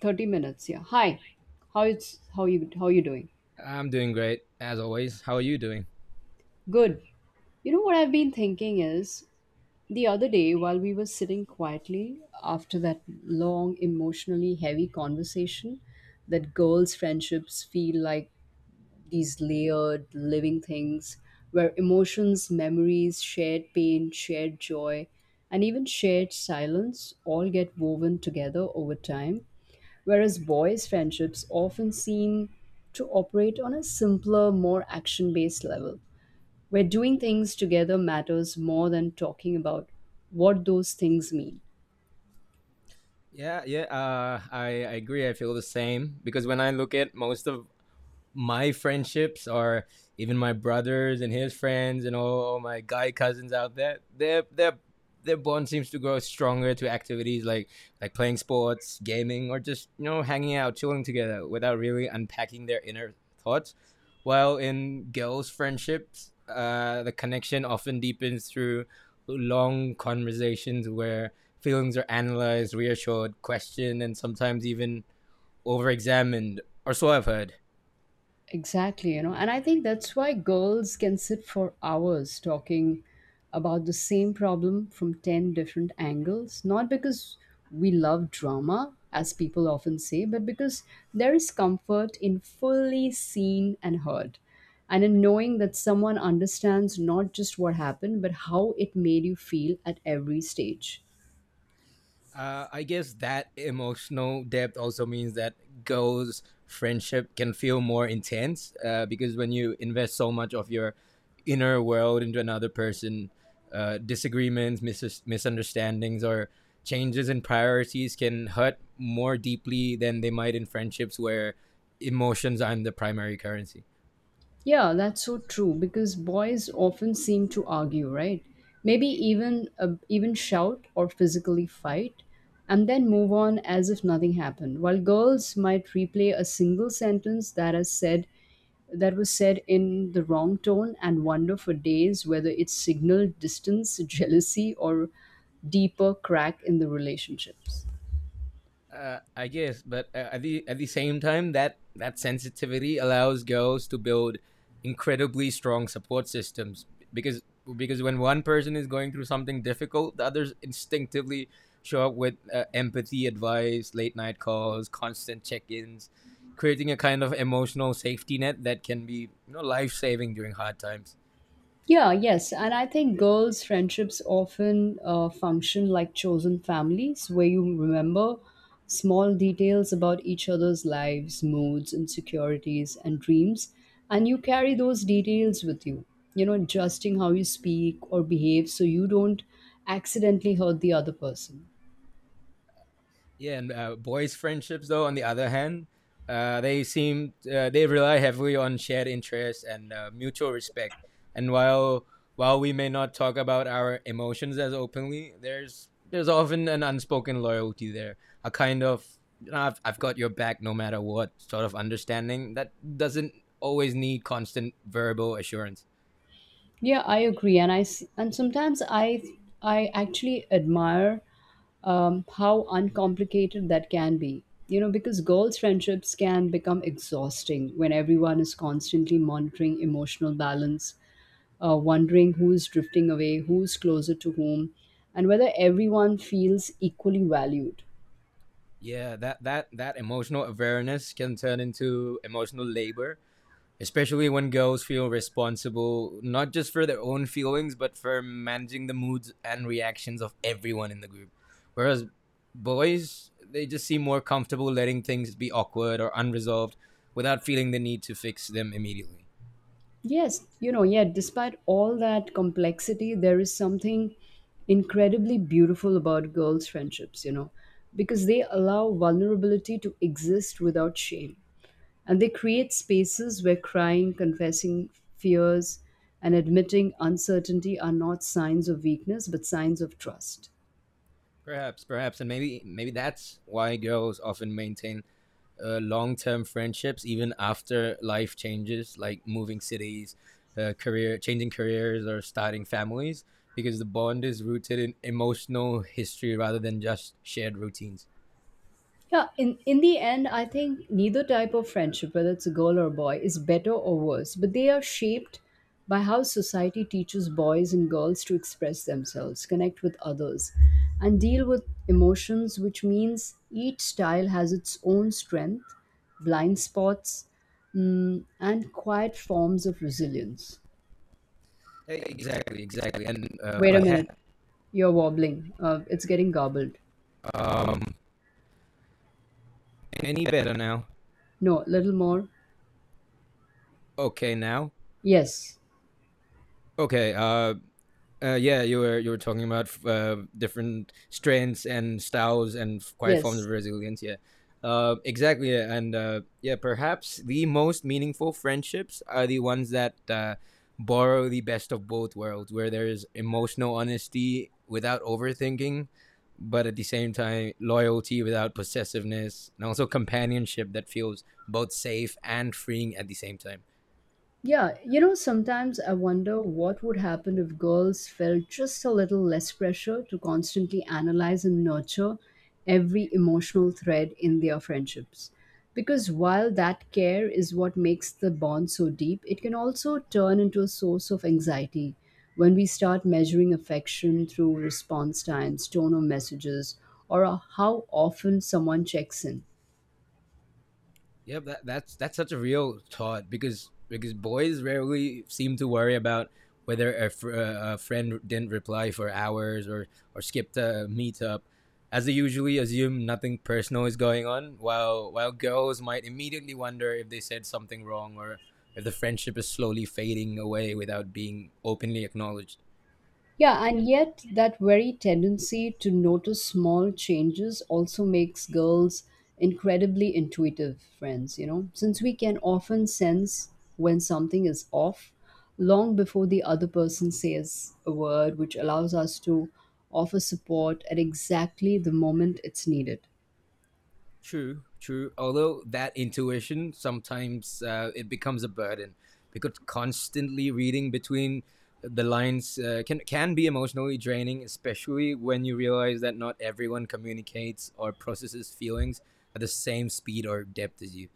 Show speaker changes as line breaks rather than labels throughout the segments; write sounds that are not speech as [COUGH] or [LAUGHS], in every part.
30 minutes, yeah. Hi. How you doing?
I'm doing great as always. How are you doing?
Good. You know, what I've been thinking is, the other day while we were sitting quietly after that long emotionally heavy conversation, that girls' friendships feel like these layered living things, where emotions, memories, shared pain, shared joy, and even shared silence all get woven together over time. Whereas boys' friendships often seem to operate on a simpler, more action based level, where doing things together matters more than talking about what those things mean.
Yeah, yeah. I agree. I feel the same because when I look at most of my friendships or even my brothers and his friends and all my guy cousins out there, their bond seems to grow stronger to activities like playing sports, gaming, or just hanging out, chilling together without really unpacking their inner thoughts. While in girls' friendships, the connection often deepens through long conversations where feelings are analyzed, reassured, questioned, and sometimes even over examined, or so I've heard.
Exactly, you know, and I think that's why girls can sit for hours talking about the same problem from 10 different angles, not because we love drama, as people often say, but because there is comfort in fully seen and heard, and in knowing that someone understands not just what happened, but how it made you feel at every stage.
I guess that emotional depth also means that girls' friendship can feel more intense because when you invest so much of your inner world into another person, disagreements, misunderstandings, or changes in priorities can hurt more deeply than they might in friendships where emotions aren't the primary currency.
Yeah, that's so true because boys often seem to argue, right? Maybe even even shout or physically fight and then move on as if nothing happened. While girls might replay a single sentence that has said that was said in the wrong tone and wonder for days whether it signaled distance, [LAUGHS] jealousy or deeper crack in the relationships.
I guess, but at the same time, that sensitivity allows girls to build incredibly strong support systems because because when one person is going through something difficult, the others instinctively show up with empathy, advice, late night calls, constant check ins, creating a kind of emotional safety net that can be life saving during hard times.
Yeah, yes. And I think girls' friendships often function like chosen families where you remember small details about each other's lives, moods, insecurities, and dreams. And you carry those details with you, you know, adjusting how you speak or behave so you don't accidentally hurt the other person.
Yeah, and boys' friendships, though, on the other hand, they seem they rely heavily on shared interests and mutual respect. And while we may not talk about our emotions as openly, there's often an unspoken loyalty there, a kind of you know, I've got your back no matter what sort of understanding that doesn't always need constant verbal assurance.
Yeah, I agree. And sometimes I actually admire how uncomplicated that can be. You know, because girls' friendships can become exhausting when everyone is constantly monitoring emotional balance, wondering who's drifting away, who's closer to whom, and whether everyone feels equally valued.
Yeah, that emotional awareness can turn into emotional labor, especially when girls feel responsible not just for their own feelings but for managing the moods and reactions of everyone in the group, whereas boys, they just seem more comfortable letting things be awkward or unresolved without feeling the need to fix them immediately.
Yes, you know, yeah, despite all that complexity, there is something incredibly beautiful about girls' friendships, you know, because they allow vulnerability to exist without shame. And they create spaces where crying, confessing fears, and admitting uncertainty are not signs of weakness, but signs of trust.
Perhaps and maybe that's why girls often maintain long-term friendships even after life changes like moving cities, career changing careers or starting families, because the bond is rooted in emotional history rather than just shared routines.
Yeah, in the end, I think neither type of friendship, whether it's a girl or a boy, is better or worse, but they are shaped by how society teaches boys and girls to express themselves, connect with others, and deal with emotions, which means each style has its own strength, blind spots, and quiet forms of resilience.
Exactly. and
Wait a minute,
perhaps
you're wobbling. It's getting garbled.
um any better now?
No, a little more.
Okay now.
Yes,
Okay. Yeah, you were talking about different strengths and styles and quiet forms
yes.
of resilience. Yeah, exactly. Yeah. And perhaps the most meaningful friendships are the ones that borrow the best of both worlds, where there is emotional honesty without overthinking, but at the same time loyalty without possessiveness, and also companionship that feels both safe and freeing at the same time.
Yeah, you know, sometimes I wonder what would happen if girls felt just a little less pressure to constantly analyze and nurture every emotional thread in their friendships. Because while that care is what makes the bond so deep, it can also turn into a source of anxiety when we start measuring affection through response times, tone of messages, or how often someone checks in.
Yep, that's such a real thought because boys rarely seem to worry about whether a friend didn't reply for hours or skipped a meetup, as they usually assume nothing personal is going on. While girls might immediately wonder if they said something wrong or if the friendship is slowly fading away without being openly acknowledged.
Yeah, and yet that very tendency to notice small changes also makes girls incredibly intuitive friends, you know, since we can often sense when something is off long before the other person says a word, which allows us to offer support at exactly the moment it's needed.
True. Although that intuition sometimes it becomes a burden because constantly reading between the lines can be emotionally draining, especially when you realize that not everyone communicates or processes feelings at the same speed or depth as you.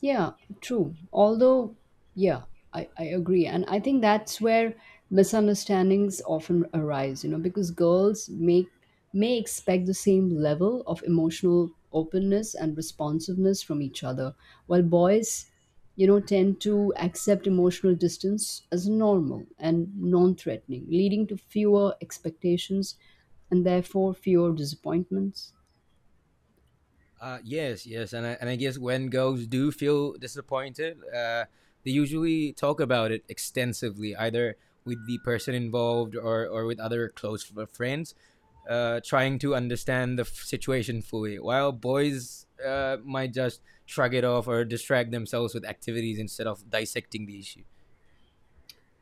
Yeah, true. Although, yeah, I agree. And I think that's where misunderstandings often arise, you know, because girls make may expect the same level of emotional openness and responsiveness from each other, while boys, you know, tend to accept emotional distance as normal and non-threatening, leading to fewer expectations and therefore fewer disappointments.
Yes, and I guess when girls do feel disappointed, they usually talk about it extensively, either with the person involved or with other close friends, trying to understand the situation fully. While boys might just shrug it off or distract themselves with activities instead of dissecting the issue.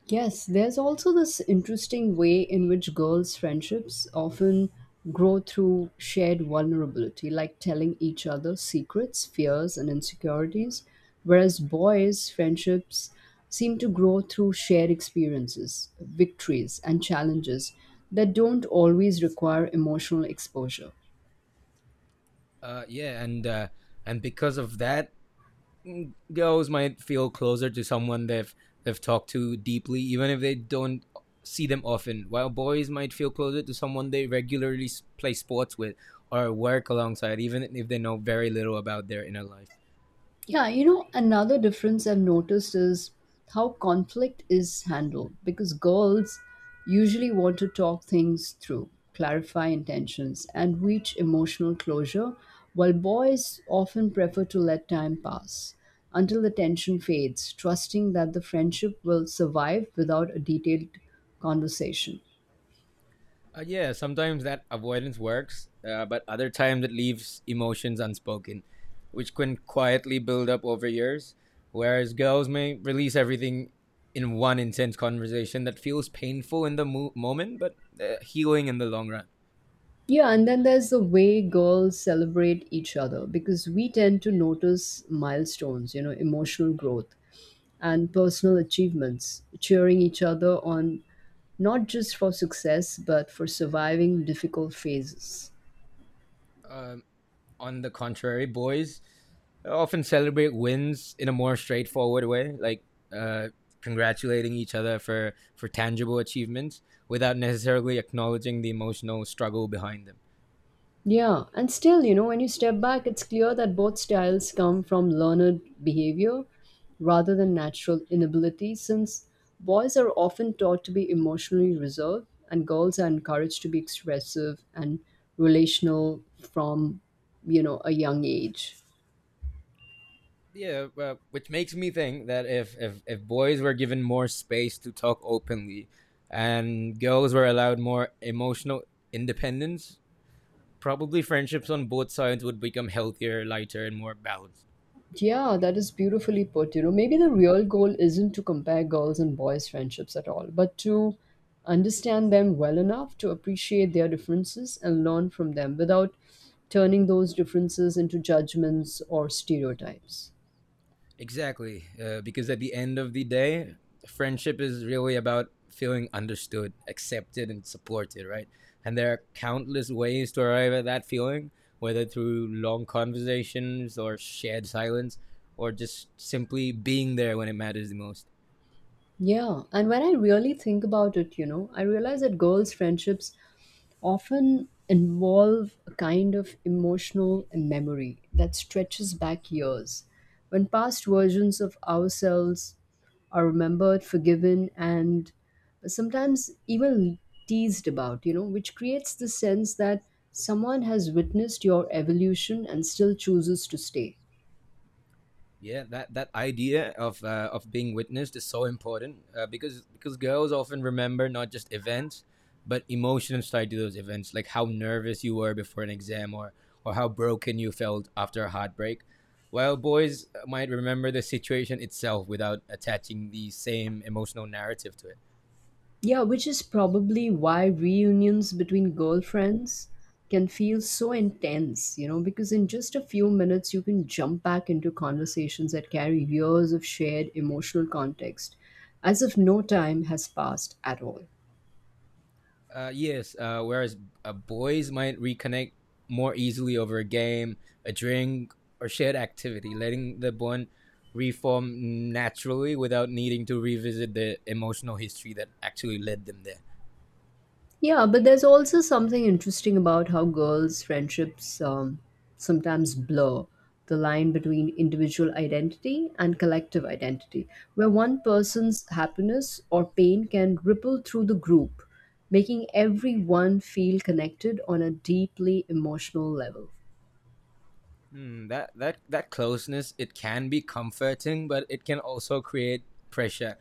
Yes, there's also this interesting way in which girls' friendships often grow through shared vulnerability, like telling each other secrets, fears, and insecurities, whereas boys' friendships seem to grow through shared experiences, victories, and challenges that don't always require emotional exposure.
Uh, yeah, and uh, and because of that, girls might feel closer to someone they've talked to deeply, even if they don't see them often. While boys might feel closer to someone they regularly play sports with or work alongside, even if they know very little about their inner life.
Yeah, you know, another difference I've noticed is how conflict is handled because girls usually want to talk things through, clarify intentions, and reach emotional closure, while boys often prefer to let time pass until the tension fades, trusting that the friendship will survive without a detailed conversation.
Yeah, sometimes that avoidance works, but other times it leaves emotions unspoken, which can quietly build up over years. Whereas girls may release everything in one intense conversation that feels painful in the moment, but healing in the long run.
Yeah, and then there's the way girls celebrate each other because we tend to notice milestones, you know, emotional growth and personal achievements, cheering each other on not just for success but for surviving difficult phases.
Um, on the contrary, boys often celebrate wins in a more straightforward way, like uh, congratulating each other for tangible achievements without necessarily acknowledging the emotional struggle behind them.
Yeah, and still, you know, when you step back, it's clear that both styles come from learned behavior rather than natural inability, since boys are often taught to be emotionally reserved and girls are encouraged to be expressive and relational from, you know, a young age.
Yeah, which makes me think that if boys were given more space to talk openly and girls were allowed more emotional independence, probably friendships on both sides would become healthier, lighter, and more balanced.
Yeah, that is beautifully put. You know, maybe the real goal isn't to compare girls and boys' friendships at all, but to understand them well enough to appreciate their differences and learn from them without turning those differences into judgments or stereotypes.
Exactly, because at the end of the day, friendship is really about feeling understood, accepted, and supported, right? And there are countless ways to arrive at that feeling, whether through long conversations or shared silence, or just simply being there when it matters the most.
Yeah, and when I really think about it, you know, I realize that girls' friendships often involve a kind of emotional memory that stretches back years when past versions of ourselves are remembered, forgiven, and sometimes even teased about, you know, which creates the sense that someone has witnessed your evolution and still chooses to stay.
Yeah, that idea of being witnessed is so important because girls often remember not just events but emotions tied to those events, like how nervous you were before an exam or how broken you felt after a heartbreak. While boys might remember the situation itself without attaching the same emotional narrative to it.
Yeah, which is probably why reunions between girlfriends can feel so intense, you know, because in just a few minutes you can jump back into conversations that carry years of shared emotional context as if no time has passed at all.
Yes. Whereas boys might reconnect more easily over a game, a drink, or shared activity, letting the bond reform naturally without needing to revisit the emotional history that actually led them there.
Yeah, but there's also something interesting about how girls' friendships sometimes blur the line between individual identity and collective identity, where one person's happiness or pain can ripple through the group, making everyone feel connected on a deeply emotional level.
Mm, that closeness, it can be comforting, but it can also create pressure,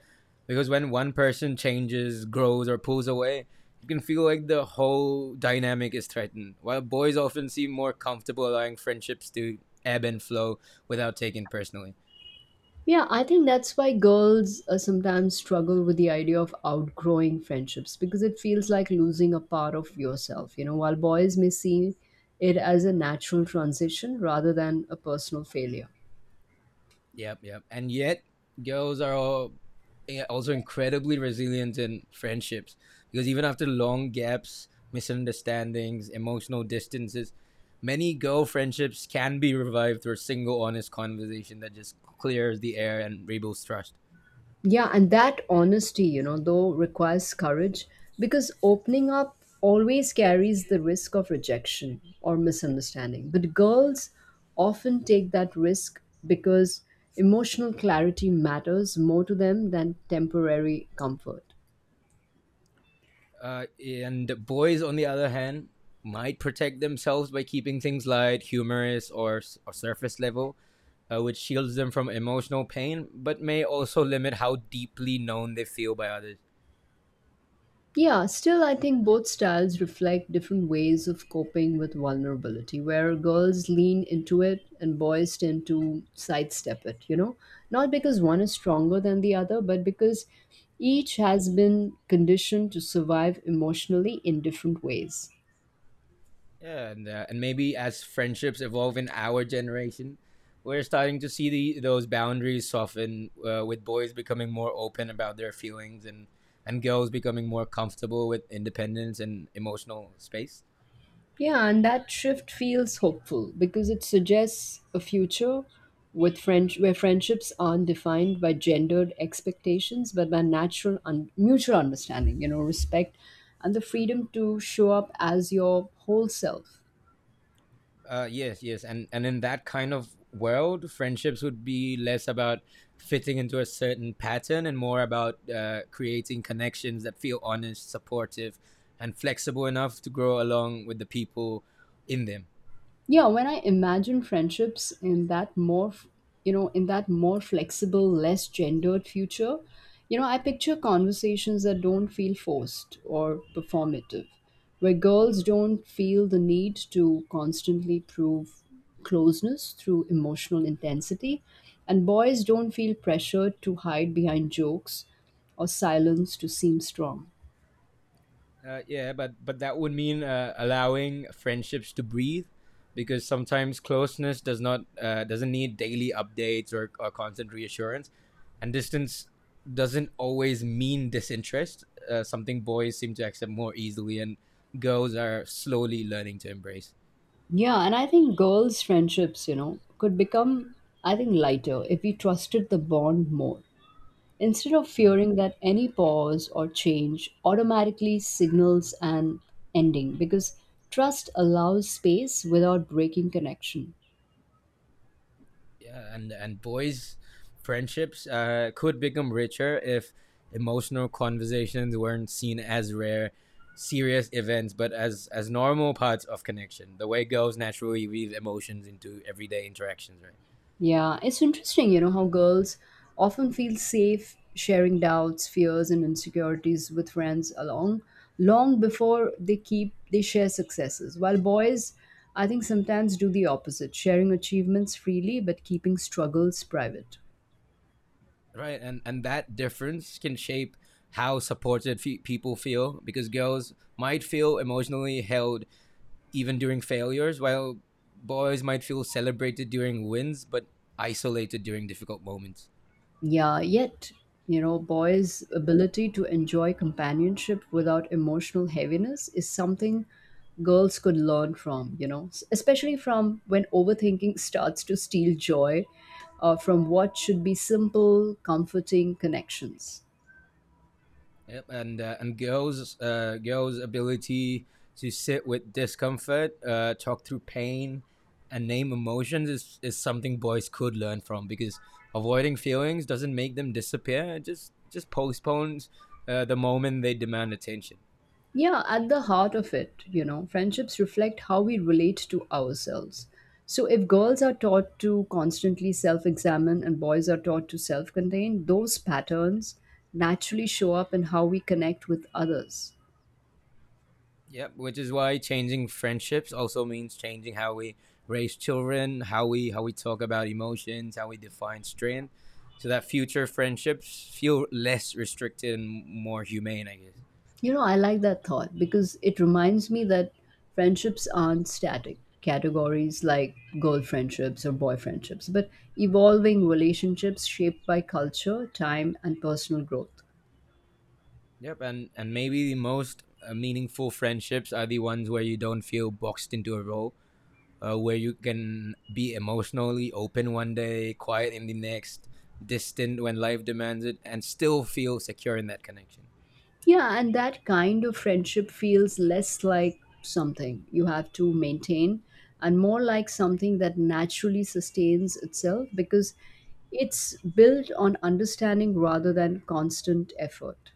because when one person changes, grows, or pulls away, you can feel like the whole dynamic is threatened. While boys often seem more comfortable allowing friendships to ebb and flow without taking personally.
Yeah, I think that's why girls sometimes struggle with the idea of outgrowing friendships because it feels like losing a part of yourself, you know, while boys may see it as a natural transition rather than a personal failure.
Yep. And yet, girls are all, yeah, also incredibly resilient in friendships because even after long gaps, misunderstandings, emotional distances, many girl friendships can be revived through a single honest conversation that just clears the air and rebuilds trust.
Yeah, and that honesty, you know, though requires courage because opening up always carries the risk of rejection or misunderstanding. But girls often take that risk because emotional clarity matters more to them than temporary comfort.
And boys, on the other hand, might protect themselves by keeping things light, humorous, or surface level, which shields them from emotional pain, but may also limit how deeply known they feel by others.
Yeah, still, I think both styles reflect different ways of coping with vulnerability, where girls lean into it and boys tend to sidestep it, you know? Not because one is stronger than the other, but because each has been conditioned to survive emotionally in different ways.
Yeah, and maybe as friendships evolve in our generation, we're starting to see the those boundaries soften, with boys becoming more open about their feelings and girls becoming more comfortable with independence and emotional space.
Yeah, and that shift feels hopeful because it suggests a future with friend where friendships aren't defined by gendered expectations but by natural mutual understanding, you know, respect and the freedom to show up as your whole self.
Yes, and in that kind of world, friendships would be less about fitting into a certain pattern and more about creating connections that feel honest, supportive, and flexible enough to grow along with the people in them.
Yeah, when I imagine friendships in that more you know, in that more flexible less gendered future, you know, I picture conversations that don't feel forced or performative, where girls don't feel the need to constantly prove closeness through emotional intensity, and boys don't feel pressured to hide behind jokes or silence to seem strong.
Yeah, but that would mean allowing friendships to breathe, because sometimes closeness does not doesn't need daily updates or constant reassurance, and distance doesn't always mean disinterest. Something boys seem to accept more easily, and girls are slowly learning to embrace.
Yeah, and I think girls' friendships, you know, could become, I think, lighter if we trusted the bond more. Instead of
Mhm.
fearing that any pause or change automatically signals an ending, because trust allows space without breaking connection.
Yeah, and boys, friendships could become richer if emotional conversations weren't seen as rare serious events but as normal parts of connection, the way girls naturally weave emotions into everyday interactions, right?
Yeah, it's interesting, you know, how girls often feel safe sharing doubts, fears, and insecurities with friends along long before they share successes. While boys, I think sometimes do the opposite, sharing achievements freely but keeping struggles private.
Right, and that difference can shape how supported people feel, because girls might feel emotionally held even during failures, while boys might feel celebrated during wins but isolated during difficult moments.
Yeah, yet, you know, boys' ability to enjoy companionship without emotional heaviness is something girls could learn from, you know, especially from when overthinking starts to steal joy from what should be simple, comforting connections.
Yep, and girls, girls' ability to sit with discomfort, talk through pain, and name emotions is something boys could learn from, because avoiding feelings doesn't make them disappear. It just postpones the moment they demand attention.
Yeah, at the heart of it, you know, friendships reflect how we relate to ourselves. So if girls are taught to constantly self examine and boys are taught to self contain, those patterns naturally show up in how we connect with others.
Yep, which is why changing friendships also means changing how we raise children, how we talk about emotions, how we define strength, so that future friendships feel less restricted and more humane, I guess.
You know, I like that thought because it reminds me that friendships aren't static categories like girl friendships or boy friendships, but evolving relationships shaped by culture, time, and personal growth.
Yep, and maybe the most meaningful friendships are the ones where you don't feel boxed into a role, where you can be emotionally open one day, quiet in the next, distant when life demands it, and still feel secure in that connection.
Yeah, and that kind of friendship feels less like something you have to maintain and more like something that naturally sustains itself because it's built on understanding rather than constant effort.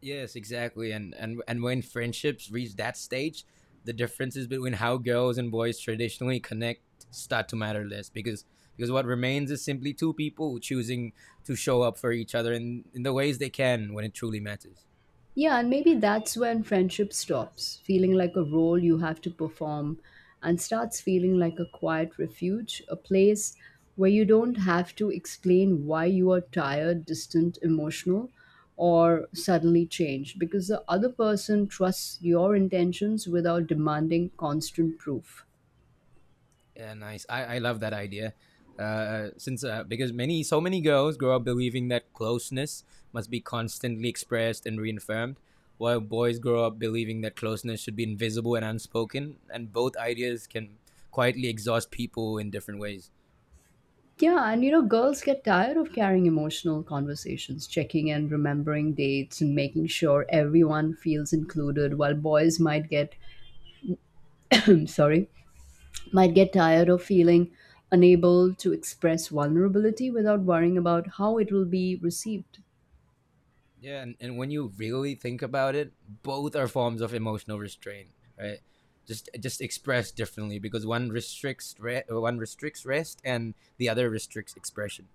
Yes, exactly. And when friendships reach that stage, the differences between how girls and boys traditionally connect start to matter less because what remains is simply two people choosing to show up for each other in the ways they can when it truly matters.
Yeah, and maybe that's when friendship stops feeling like a role you have to perform and starts feeling like a quiet refuge, a place where you don't have to explain why you are tired, distant, emotional, or suddenly changed because the other person trusts your intentions without demanding constant proof.
Yeah, nice. I love that idea. Since because many so many girls grow up believing that closeness must be constantly expressed and reaffirmed, while boys grow up believing that closeness should be invisible and unspoken, and both ideas can quietly exhaust people in different ways.
Yeah, and you know, girls get tired of carrying emotional conversations, checking in, remembering dates, and making sure everyone feels included, while boys might get [CLEARS THROAT] sorry, might get tired of feeling unable to express vulnerability without worrying about how it will be received.
Yeah, and when you really think about it, both are forms of emotional restraint, right? Just expressed differently, because one restricts rest and the other restricts expression.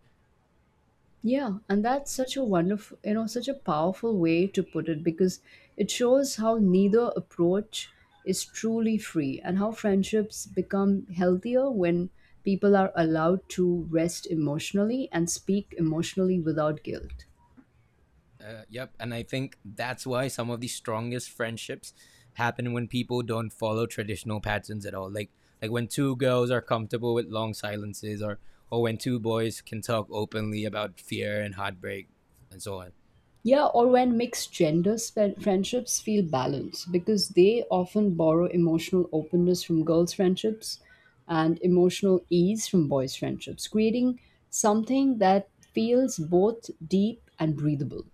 Yeah, and that's such a wonderful, such a powerful way to put it because it shows how neither approach is truly free and how friendships become healthier when people are allowed to rest emotionally and speak emotionally without guilt.
Yep, and I think that's why some of the strongest friendships happen when people don't follow traditional patterns at all. Like when two girls are comfortable with long silences, or when two boys can talk openly about fear and heartbreak, and so on.
Yeah, or when mixed genders friendships feel balanced because they often borrow emotional openness from girls' friendships and emotional ease from boys' friendships, creating something that feels both deep and breathable.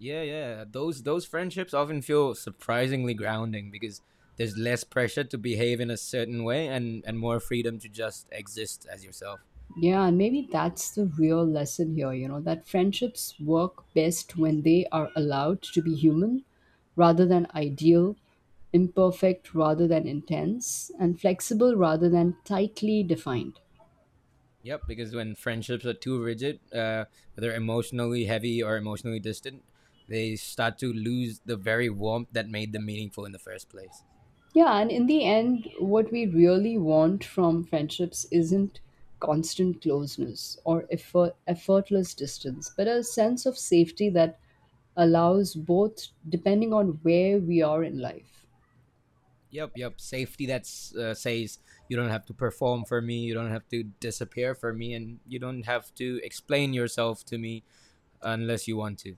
Yeah, yeah, those friendships often feel surprisingly grounding because there's less pressure to behave in a certain way and more freedom to just exist as yourself.
Yeah, and maybe that's the real lesson here, that friendships work best when they are allowed to be human rather than ideal, imperfect rather than intense, and flexible rather than tightly defined.
Yep, because when friendships are too rigid, whether emotionally heavy or emotionally distant, they start to lose the very warmth that made them meaningful in the first place.
Yeah, and in the end, what we really want from friendships isn't constant closeness or effortless distance, but a sense of safety that allows both depending on where we are in life.
Yep, yep. Safety that says you don't have to perform for me, you don't have to disappear for me, and you don't have to explain yourself to me unless you want to.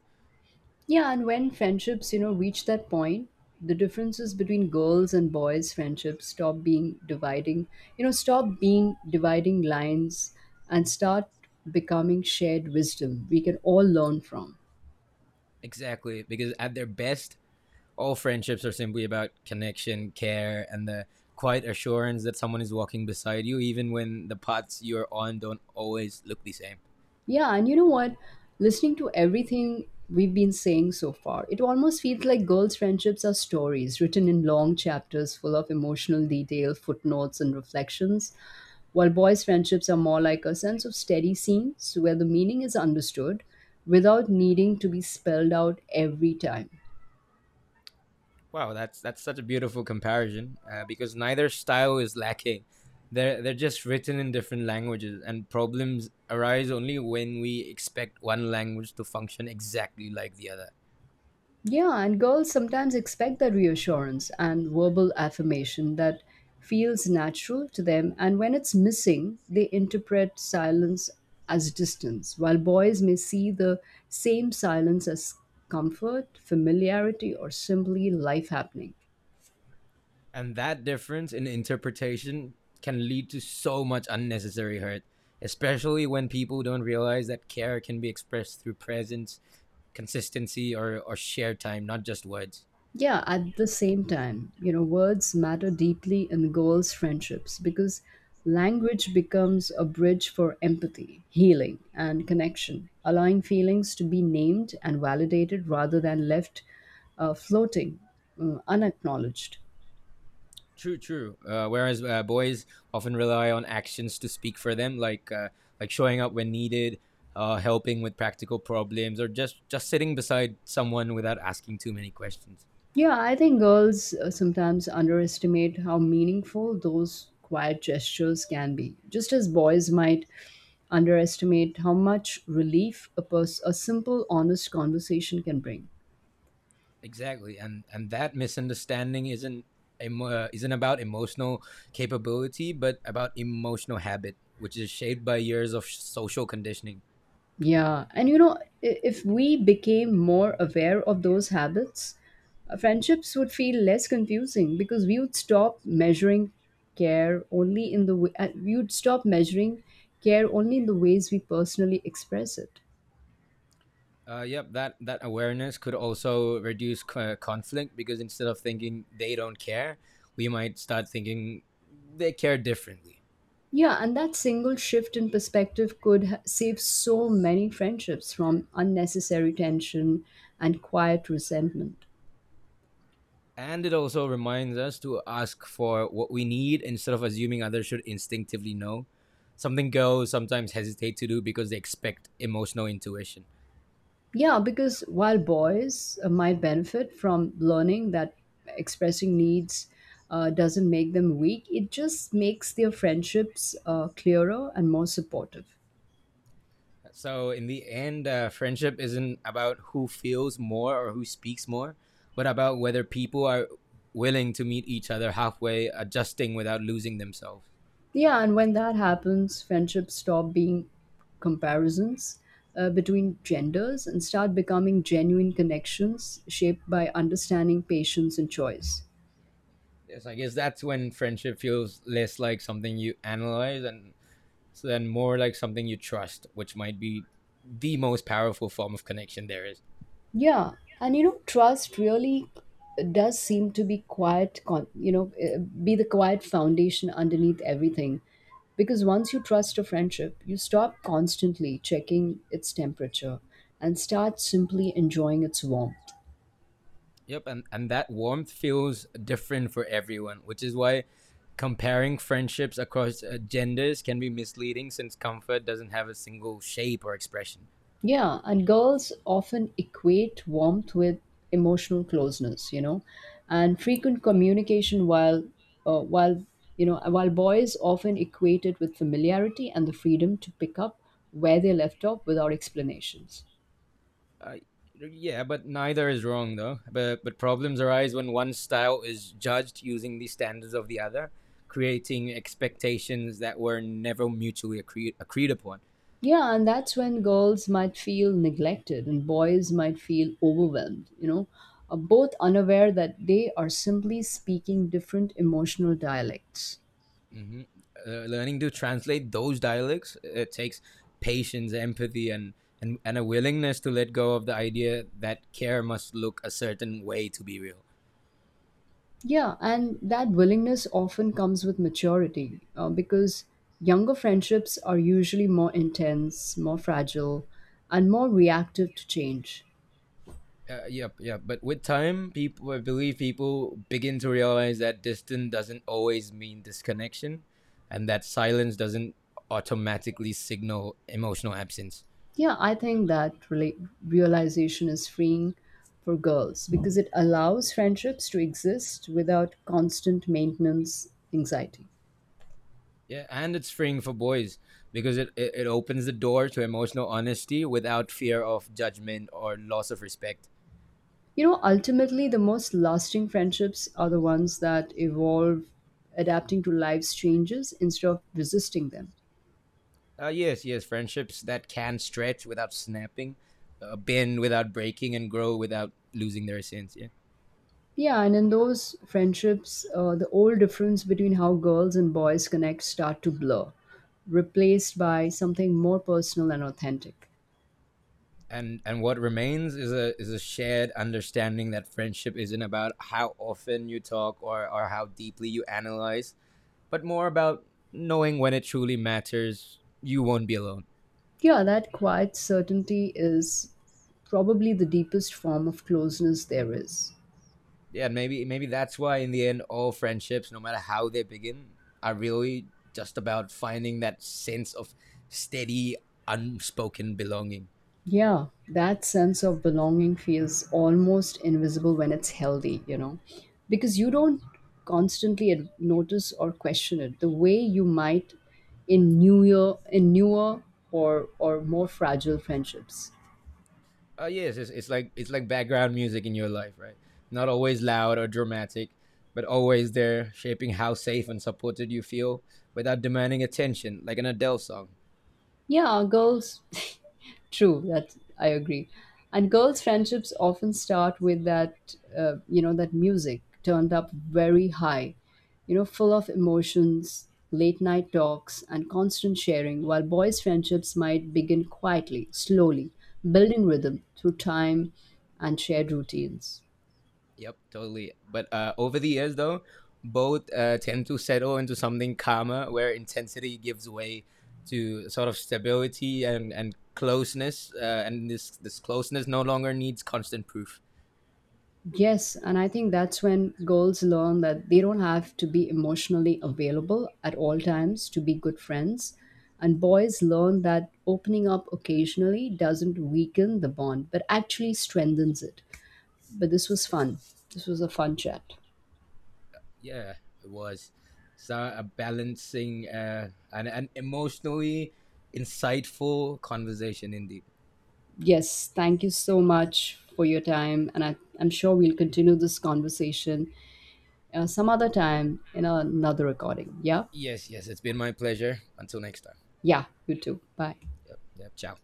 Yeah, and when friendships, reach that point, the differences between girls and boys friendships stop being dividing lines and start becoming shared wisdom we can all learn from.
Exactly, because at their best, all friendships are simply about connection, care, and the quiet assurance that someone is walking beside you, even when the paths you're on don't always look the same.
Yeah, and you know what? Listening to everything we've been saying so far, it almost feels like girls' friendships are stories written in long chapters full of emotional detail, footnotes, and reflections, while boys' friendships are more like a sense of steady scenes where the meaning is understood without needing to be spelled out every time.
Wow, that's such a beautiful comparison because neither style is lacking. They're just written in different languages, and problems arise only when we expect one language to function exactly like the other.
Yeah, and girls sometimes expect that reassurance and verbal affirmation that feels natural to them, and when it's missing, they interpret silence as distance, while boys may see the same silence as comfort, familiarity, or simply life happening.
And that difference in interpretation can lead to so much unnecessary hurt, especially when people don't realize that care can be expressed through presence, consistency, or shared time, not just words.
Yeah, at the same time, words matter deeply in girls' friendships because language becomes a bridge for empathy, healing, and connection, allowing feelings to be named and validated rather than left floating, unacknowledged.
True, true. Whereas boys often rely on actions to speak for them, like showing up when needed, helping with practical problems, or just sitting beside someone without asking too many questions.
Yeah, I think girls sometimes underestimate how meaningful those quiet gestures can be, just as boys might underestimate how much relief a simple, honest conversation can bring.
Exactly, and that misunderstanding isn't about emotional capability, but about emotional habit, which is shaped by years of social conditioning.
Yeah, and if we became more aware of those habits, friendships would feel less confusing because we would stop measuring care only in the way, we would stop measuring care only in the ways we personally express it.
Yep, that awareness could also reduce conflict because instead of thinking they don't care, we might start thinking they care differently.
Yeah, and that single shift in perspective could save so many friendships from unnecessary tension and quiet resentment.
And it also reminds us to ask for what we need instead of assuming others should instinctively know. Something girls sometimes hesitate to do because they expect emotional intuition.
Yeah, because while boys might benefit from learning that expressing needs doesn't make them weak, it just makes their friendships clearer and more supportive.
So in the end, friendship isn't about who feels more or who speaks more, but about whether people are willing to meet each other halfway, adjusting without losing themselves.
Yeah, and when that happens, friendships stop being comparisons between genders and start becoming genuine connections shaped by understanding, patience, and choice.
Yes, I guess that's when friendship feels less like something you analyze and so then more like something you trust, which might be the most powerful form of connection there is.
Yeah, and trust really does seem to be quiet, con- you know, be the quiet foundation underneath everything. Because once you trust a friendship, you stop constantly checking its temperature and start simply enjoying its warmth.
Yep, and that warmth feels different for everyone, which is why comparing friendships across genders can be misleading since comfort doesn't have a single shape or expression.
Yeah, and girls often equate warmth with emotional closeness, and frequent communication while you know while boys often equate it with familiarity and the freedom to pick up where they left off without explanations.
Uh, yeah, but neither is wrong though. But problems arise when one style is judged using the standards of the other, creating expectations that were never mutually agreed upon.
Yeah, and that's when girls might feel neglected and boys might feel overwhelmed, both unaware that they are simply speaking different emotional dialects.
Hmm. Learning to translate those dialects it takes patience, empathy, and a willingness to let go of the idea that care must look a certain way to be real.
Yeah, and that willingness often comes with maturity because younger friendships are usually more intense, more fragile, and more reactive to change.
Yep, yep. But with time, people I believe people begin to realize that distance doesn't always mean disconnection, and that silence doesn't automatically signal emotional absence.
Yeah, I think that realization is freeing for girls because it allows friendships to exist without constant maintenance anxiety.
Yeah, and it's freeing for boys because it opens the door to emotional honesty without fear of judgment or loss of respect.
You know, ultimately, the most lasting friendships are the ones that evolve adapting to life's changes instead of resisting them.
Yes, yes, friendships that can stretch without snapping, bend without breaking, and grow without losing their essence. Yeah,
Yeah, and in those friendships, the old difference between how girls and boys connect start to blur, replaced by something more personal and authentic.
and what remains is a shared understanding that friendship isn't about how often you talk or how deeply you analyze, but more about knowing when it truly matters. You won't be alone.
Yeah, that quiet certainty is probably the deepest form of closeness there is.
Yeah, and maybe maybe that's why in the end, all friendships, no matter how they begin, are really just about finding that sense of steady, unspoken belonging.
Yeah, that sense of belonging feels almost invisible when it's healthy, because you don't constantly notice or question it the way you might in newer or more fragile friendships.
Yeah, it's like background music in your life, right? Not always loud or dramatic, but always there, shaping how safe and supported you feel without demanding attention, like an Adele song.
Yeah, girls. [LAUGHS] True, that I agree. And girls' friendships often start with that music turned up very high, full of emotions, late night talks, and constant sharing, while boys' friendships might begin quietly, slowly, building rhythm through time and shared routines.
Yep, totally. But over the years, though, both tend to settle into something calmer, where intensity gives way to sort of stability and closeness, and this closeness no longer needs constant proof.
Yes, and I think that's when girls learn that they don't have to be emotionally available at all times to be good friends. And boys learn that opening up occasionally doesn't weaken the bond, but actually strengthens it. But this was fun. This was a fun chat.
Yeah, it was so a balancing and an emotionally insightful conversation indeed.
Yes, thank you so much for your time. And I'm sure we'll continue this conversation some other time in another recording. Yeah?
Yes, yes, it's been my pleasure. Until next time.
Yeah, you too. Bye.
Yep, yep, ciao.